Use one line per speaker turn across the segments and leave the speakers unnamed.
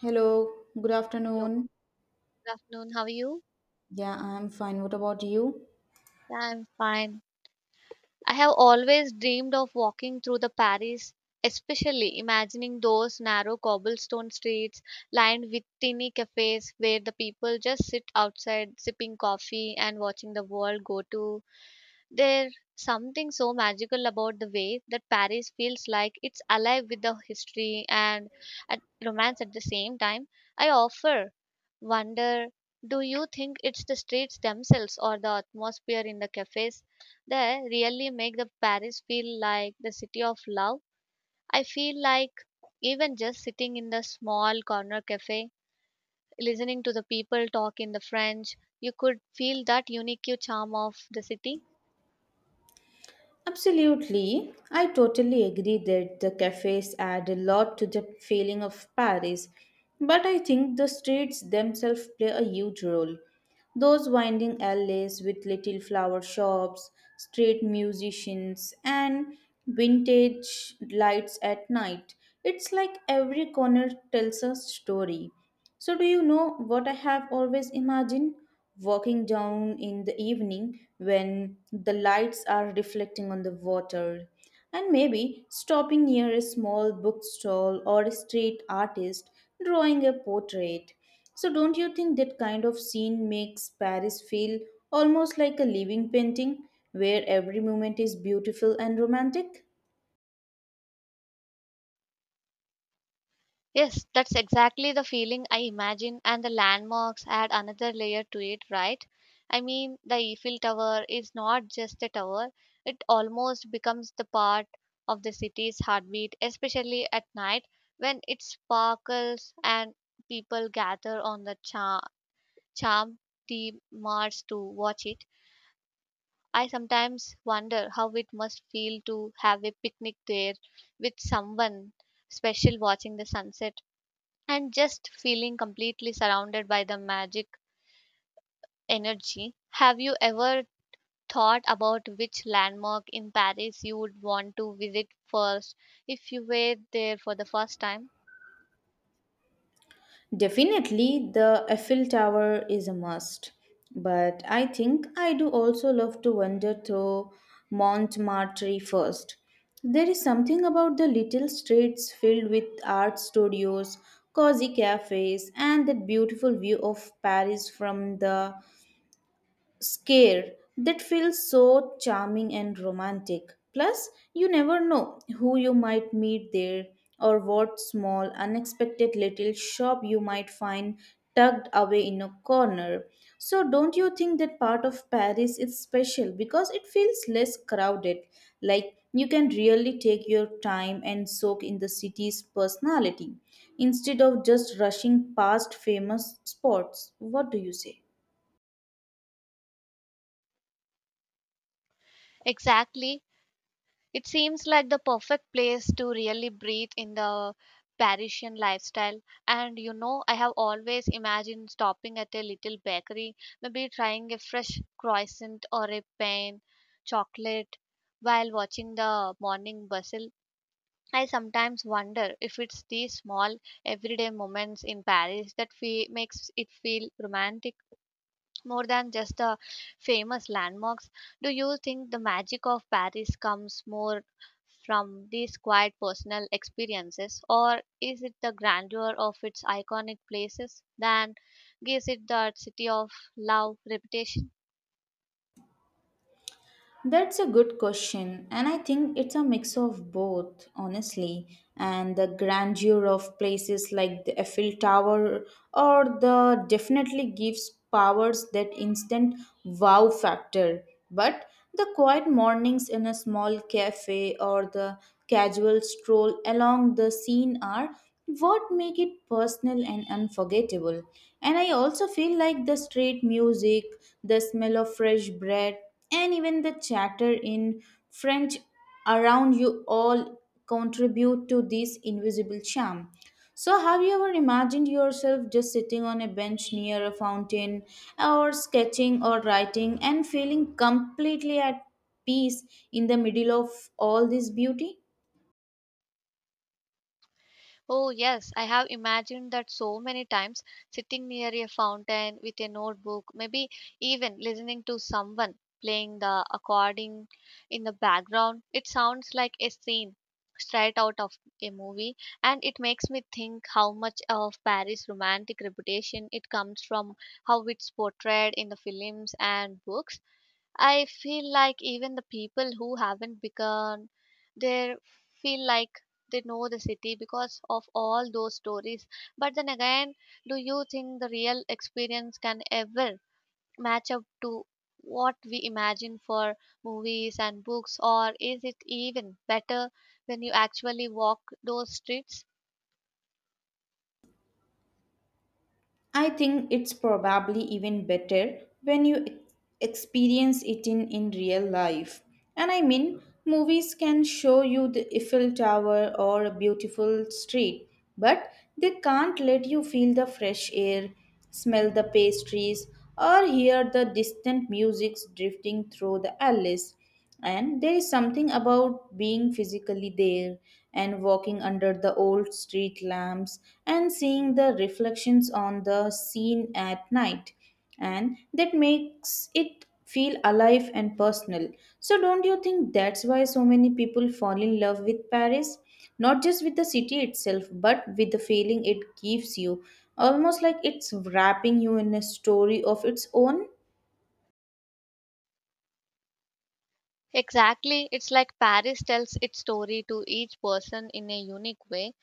Hello, good
Hello,
afternoon.
good afternoon. How are you?
Yeah, I'm fine. What about you?
Yeah, I'm fine. I have always dreamed of walking through the Paris, especially imagining those narrow cobblestone streets lined with tiny cafes where the people just sit outside sipping coffee and watching the world go to. There's something so magical about the way that Paris feels like it's alive with the history and at romance at the same time. I offer wonder, do you think it's the streets themselves or the atmosphere in the cafes that really make the Paris feel like the city of love? I feel like even just sitting in the small corner cafe, listening to the people talk in the French, you could feel that unique charm of the city.
Absolutely. I totally agree that the cafes add a lot to the feeling of Paris, but I think the streets themselves play a huge role. Those winding alleys with little flower shops, street musicians, and vintage lights at night. It's like every corner tells a story. So, do you know what I have always imagined? Walking down in the evening when the lights are reflecting on the water, and maybe stopping near a small bookstall or a street artist drawing a portrait. So, don't you think that kind of scene makes Paris feel almost like a living painting where every moment is beautiful and romantic?
Yes, that's exactly the feeling I imagine, and the landmarks add another layer to it, right? I mean, the Eiffel Tower is not just a tower, it almost becomes the part of the city's heartbeat, especially at night when it sparkles and people gather on the charm the mars to watch it. I sometimes wonder how it must feel to have a picnic there with someone special watching the sunset and just feeling completely surrounded by the magic energy. Have you ever thought about which landmark in Paris you would want to visit first if you were there for the first time?
Definitely, the Eiffel Tower is a must. But I think I do also love to wander through Montmartre first. There is something about the little streets filled with art studios, cozy cafes, and that beautiful view of Paris from the scare that feels so charming and romantic. Plus, you never know who you might meet there or what small, unexpected little shop you might find tucked away in a corner. So, don't you think that part of Paris is special because it feels less crowded? Like, you can really take your time and soak in the city's personality instead of just rushing past famous spots. What do you say?
Exactly. It seems like the perfect place to really breathe in the Parisian lifestyle. And you know, I have always imagined stopping at a little bakery, maybe trying a fresh croissant or a pain chocolate while watching the morning bustle. I sometimes wonder if it's these small everyday moments in Paris that makes it feel romantic more than just the famous landmarks. Do you think the magic of Paris comes more from these quiet personal experiences, or is it the grandeur of its iconic places that gives it that city of love reputation?
That's a good question, and I think it's a mix of both, honestly, and the grandeur of places like the Eiffel Tower or the definitely gives powers that instant wow factor. But the quiet mornings in a small cafe or the casual stroll along the scene are what make it personal and unforgettable. And I also feel like the street music, the smell of fresh bread, and even the chatter in French around you all contribute to this invisible charm. So, have you ever imagined yourself just sitting on a bench near a fountain, or sketching or writing, and feeling completely at peace in the middle of all this beauty?
Oh, yes, I have imagined that so many times, sitting near a fountain with a notebook, maybe even listening to someone playing the accordion in the background. It sounds like a scene straight out of a movie, and it makes me think how much of Paris' romantic reputation it comes from how it's portrayed in the films and books. I feel like even the people who haven't begun, they feel like they know the city because of all those stories. But then again, do you think the real experience can ever match up to what we imagine for movies and books, or is it even better when you actually walk those streets?
I think it's probably even better when you experience it in real life. And I mean, movies can show you the Eiffel Tower or a beautiful street, but they can't let you feel the fresh air, smell the pastries, or hear the distant music drifting through the alleys. And there is something about being physically there and walking under the old street lamps and seeing the reflections on the scene at night. And that makes it feel alive and personal. So, don't you think that's why so many people fall in love with Paris? Not just with the city itself, but with the feeling it gives you, almost like it's wrapping you in a story of its own.
Exactly. It's like Paris tells its story to each person in a unique way.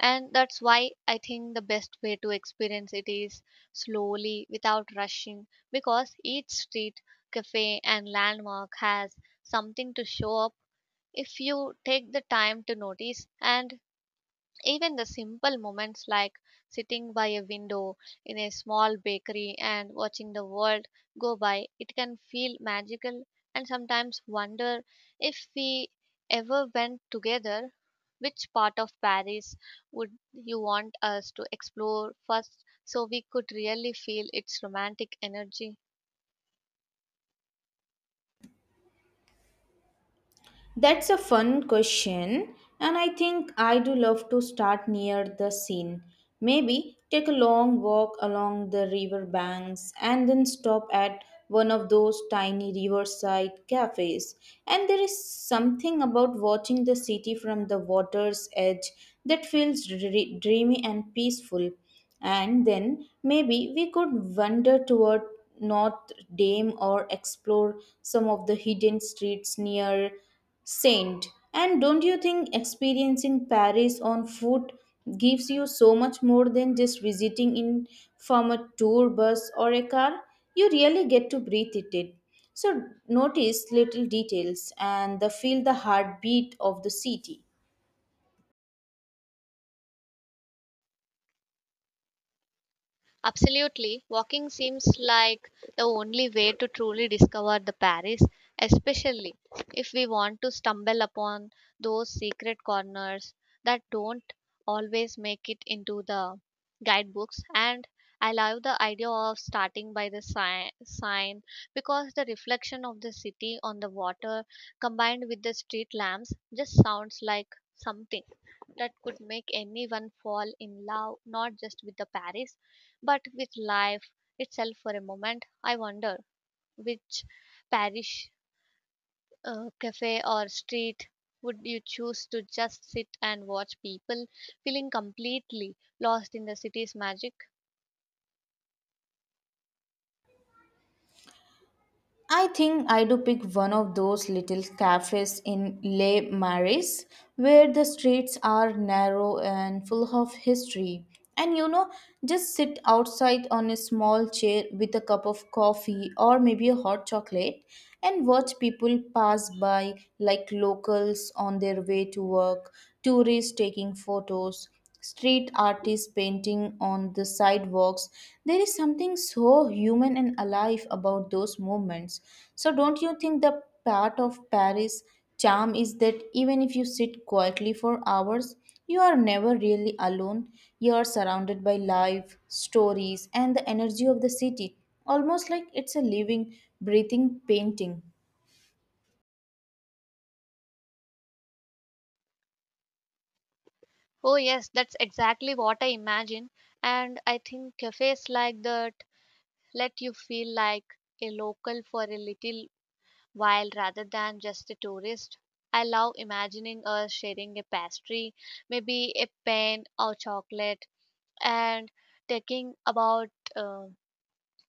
And that's why I think the best way to experience it is slowly, without rushing, because each street, cafe, and landmark has something to show up if you take the time to notice. And even the simple moments like sitting by a window in a small bakery and watching the world go by, it can feel magical, and sometimes wonder if we ever went together. Which part of Paris would you want us to explore first so we could really feel its romantic energy?
That's a fun question, and I think I do love to start near the scene. Maybe take a long walk along the river banks and then stop at one of those tiny riverside cafes. And there is something about watching the city from the water's edge that feels dreamy and peaceful. And then maybe we could wander toward North Dame or explore some of the hidden streets near Saint. And don't you think experiencing Paris on foot gives you so much more than just visiting in from a tour bus or a car? You really get to breathe it in. So notice little details and the feel the heartbeat of the city.
Absolutely. Walking seems like the only way to truly discover the Paris, especially if we want to stumble upon those secret corners that don't always make it into the guidebooks. And I love the idea of starting by the sign, because the reflection of the city on the water combined with the street lamps just sounds like something that could make anyone fall in love not just with the Paris but with life itself for a moment. I wonder which Paris cafe or street would you choose to just sit and watch people feeling completely lost in the city's magic?
I think I do pick one of those little cafes in Les Marais where the streets are narrow and full of history. And you know, just sit outside on a small chair with a cup of coffee or maybe a hot chocolate and watch people pass by like locals on their way to work, tourists taking photos, street artists painting on the sidewalks. There is something so human and alive about those movements. So, don't you think the part of Paris charm is that even if you sit quietly for hours, you are never really alone? You are surrounded by life, stories, and the energy of the city, almost like it's a living, breathing painting.
Oh, yes, that's exactly what I imagine. And I think cafes like that let you feel like a local for a little while rather than just a tourist. I love imagining us sharing a pastry, maybe a pen or chocolate, and talking about uh,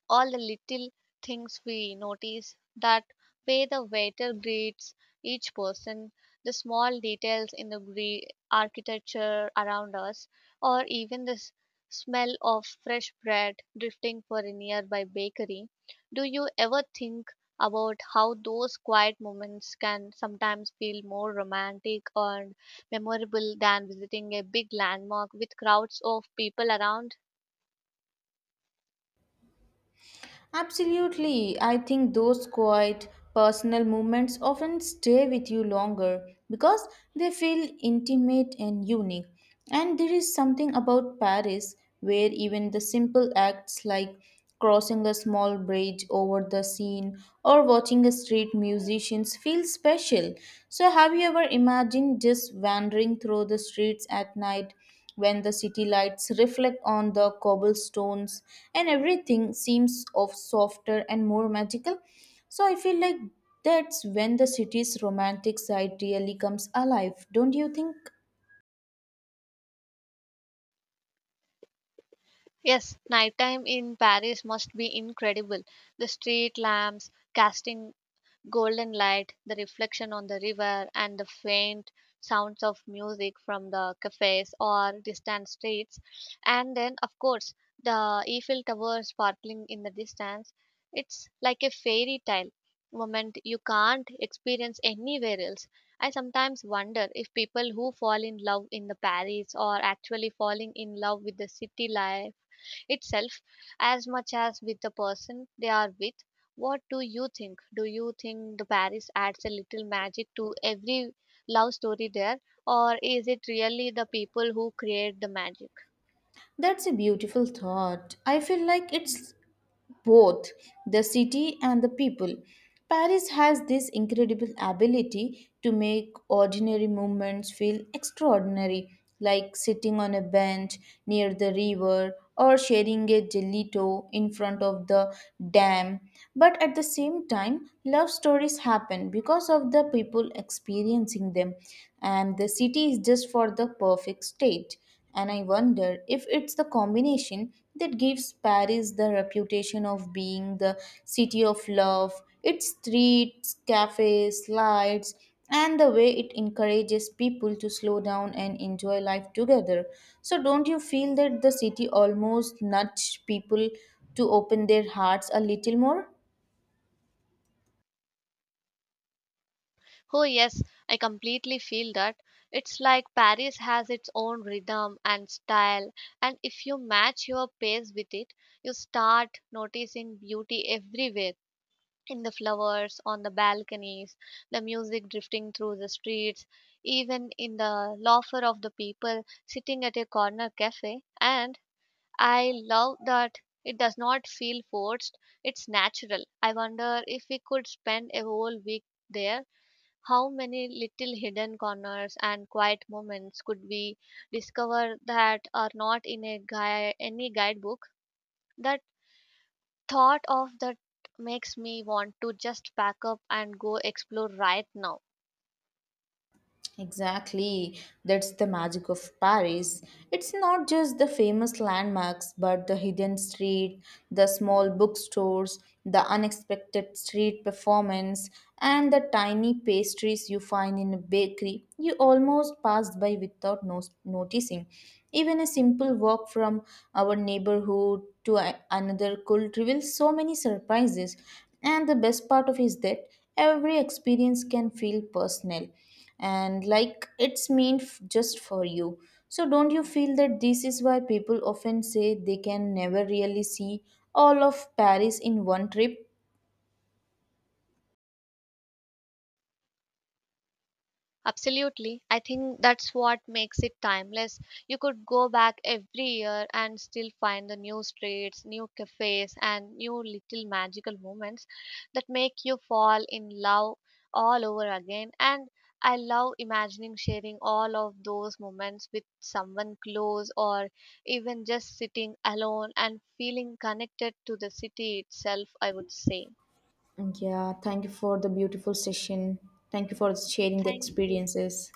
all the little things we notice, that way the waiter greets each person, the small details in the architecture around us, or even the smell of fresh bread drifting for a nearby bakery. Do you ever think about how those quiet moments can sometimes feel more romantic and memorable than visiting a big landmark with crowds of people around?
Absolutely. I think those quiet personal moments often stay with you longer because they feel intimate and unique. And there is something about Paris where even the simple acts like crossing a small bridge over the Seine or watching a street musicians feel special. So, have you ever imagined just wandering through the streets at night when the city lights reflect on the cobblestones and everything seems of softer and more magical? So, I feel like that's when the city's romantic side really comes alive, don't you think?
Yes, nighttime in Paris must be incredible. The street lamps casting golden light, the reflection on the river, and the faint sounds of music from the cafes or distant streets. And then, of course, the Eiffel Tower sparkling in the distance. It's like a fairy tale moment you can't experience anywhere else. I sometimes wonder if people who fall in love in the Paris are actually falling in love with the city life itself as much as with the person they are with. What do you think? Do you think the Paris adds a little magic to every love story there, or is it really the people who create the magic?
That's a beautiful thought. I feel like it's both the city and the people. Paris has this incredible ability to make ordinary moments feel extraordinary, like sitting on a bench near the river or sharing a gelato in front of the dam. But at the same time, love stories happen because of the people experiencing them, and the city is just for the perfect state. And I wonder if it's the combination that gives Paris the reputation of being the city of love, its streets, cafes, lights, and the way it encourages people to slow down and enjoy life together. So, don't you feel that the city almost nudged people to open their hearts a little more?
Oh, yes, I completely feel that. It's like Paris has its own rhythm and style, and if you match your pace with it, you start noticing beauty everywhere, in the flowers on the balconies, the music drifting through the streets, even in the laughter of the people sitting at a corner cafe. And I love that it does not feel forced, it's natural. I wonder if we could spend a whole week there. How many little hidden corners and quiet moments could we discover that are not in a any guidebook? That thought of that makes me want to just pack up and go explore right now.
Exactly. That's the magic of Paris. It's not just the famous landmarks, but the hidden street, the small bookstores, the unexpected street performance, and the tiny pastries you find in a bakery you almost passed by without noticing. Even a simple walk from our neighborhood to another could reveal so many surprises. And the best part of is that every experience can feel personal and like it's meant just for you. So, don't you feel that this is why people often say they can never really see all of Paris in one trip?
Absolutely. I think that's what makes it timeless. You could go back every year and still find the new streets, new cafes, and new little magical moments that make you fall in love all over again. And I love imagining sharing all of those moments with someone close, or even just sitting alone and feeling connected to the city itself, I would say.
Yeah, thank you for the beautiful session. Thank you for sharing the
Thank you.
experiences.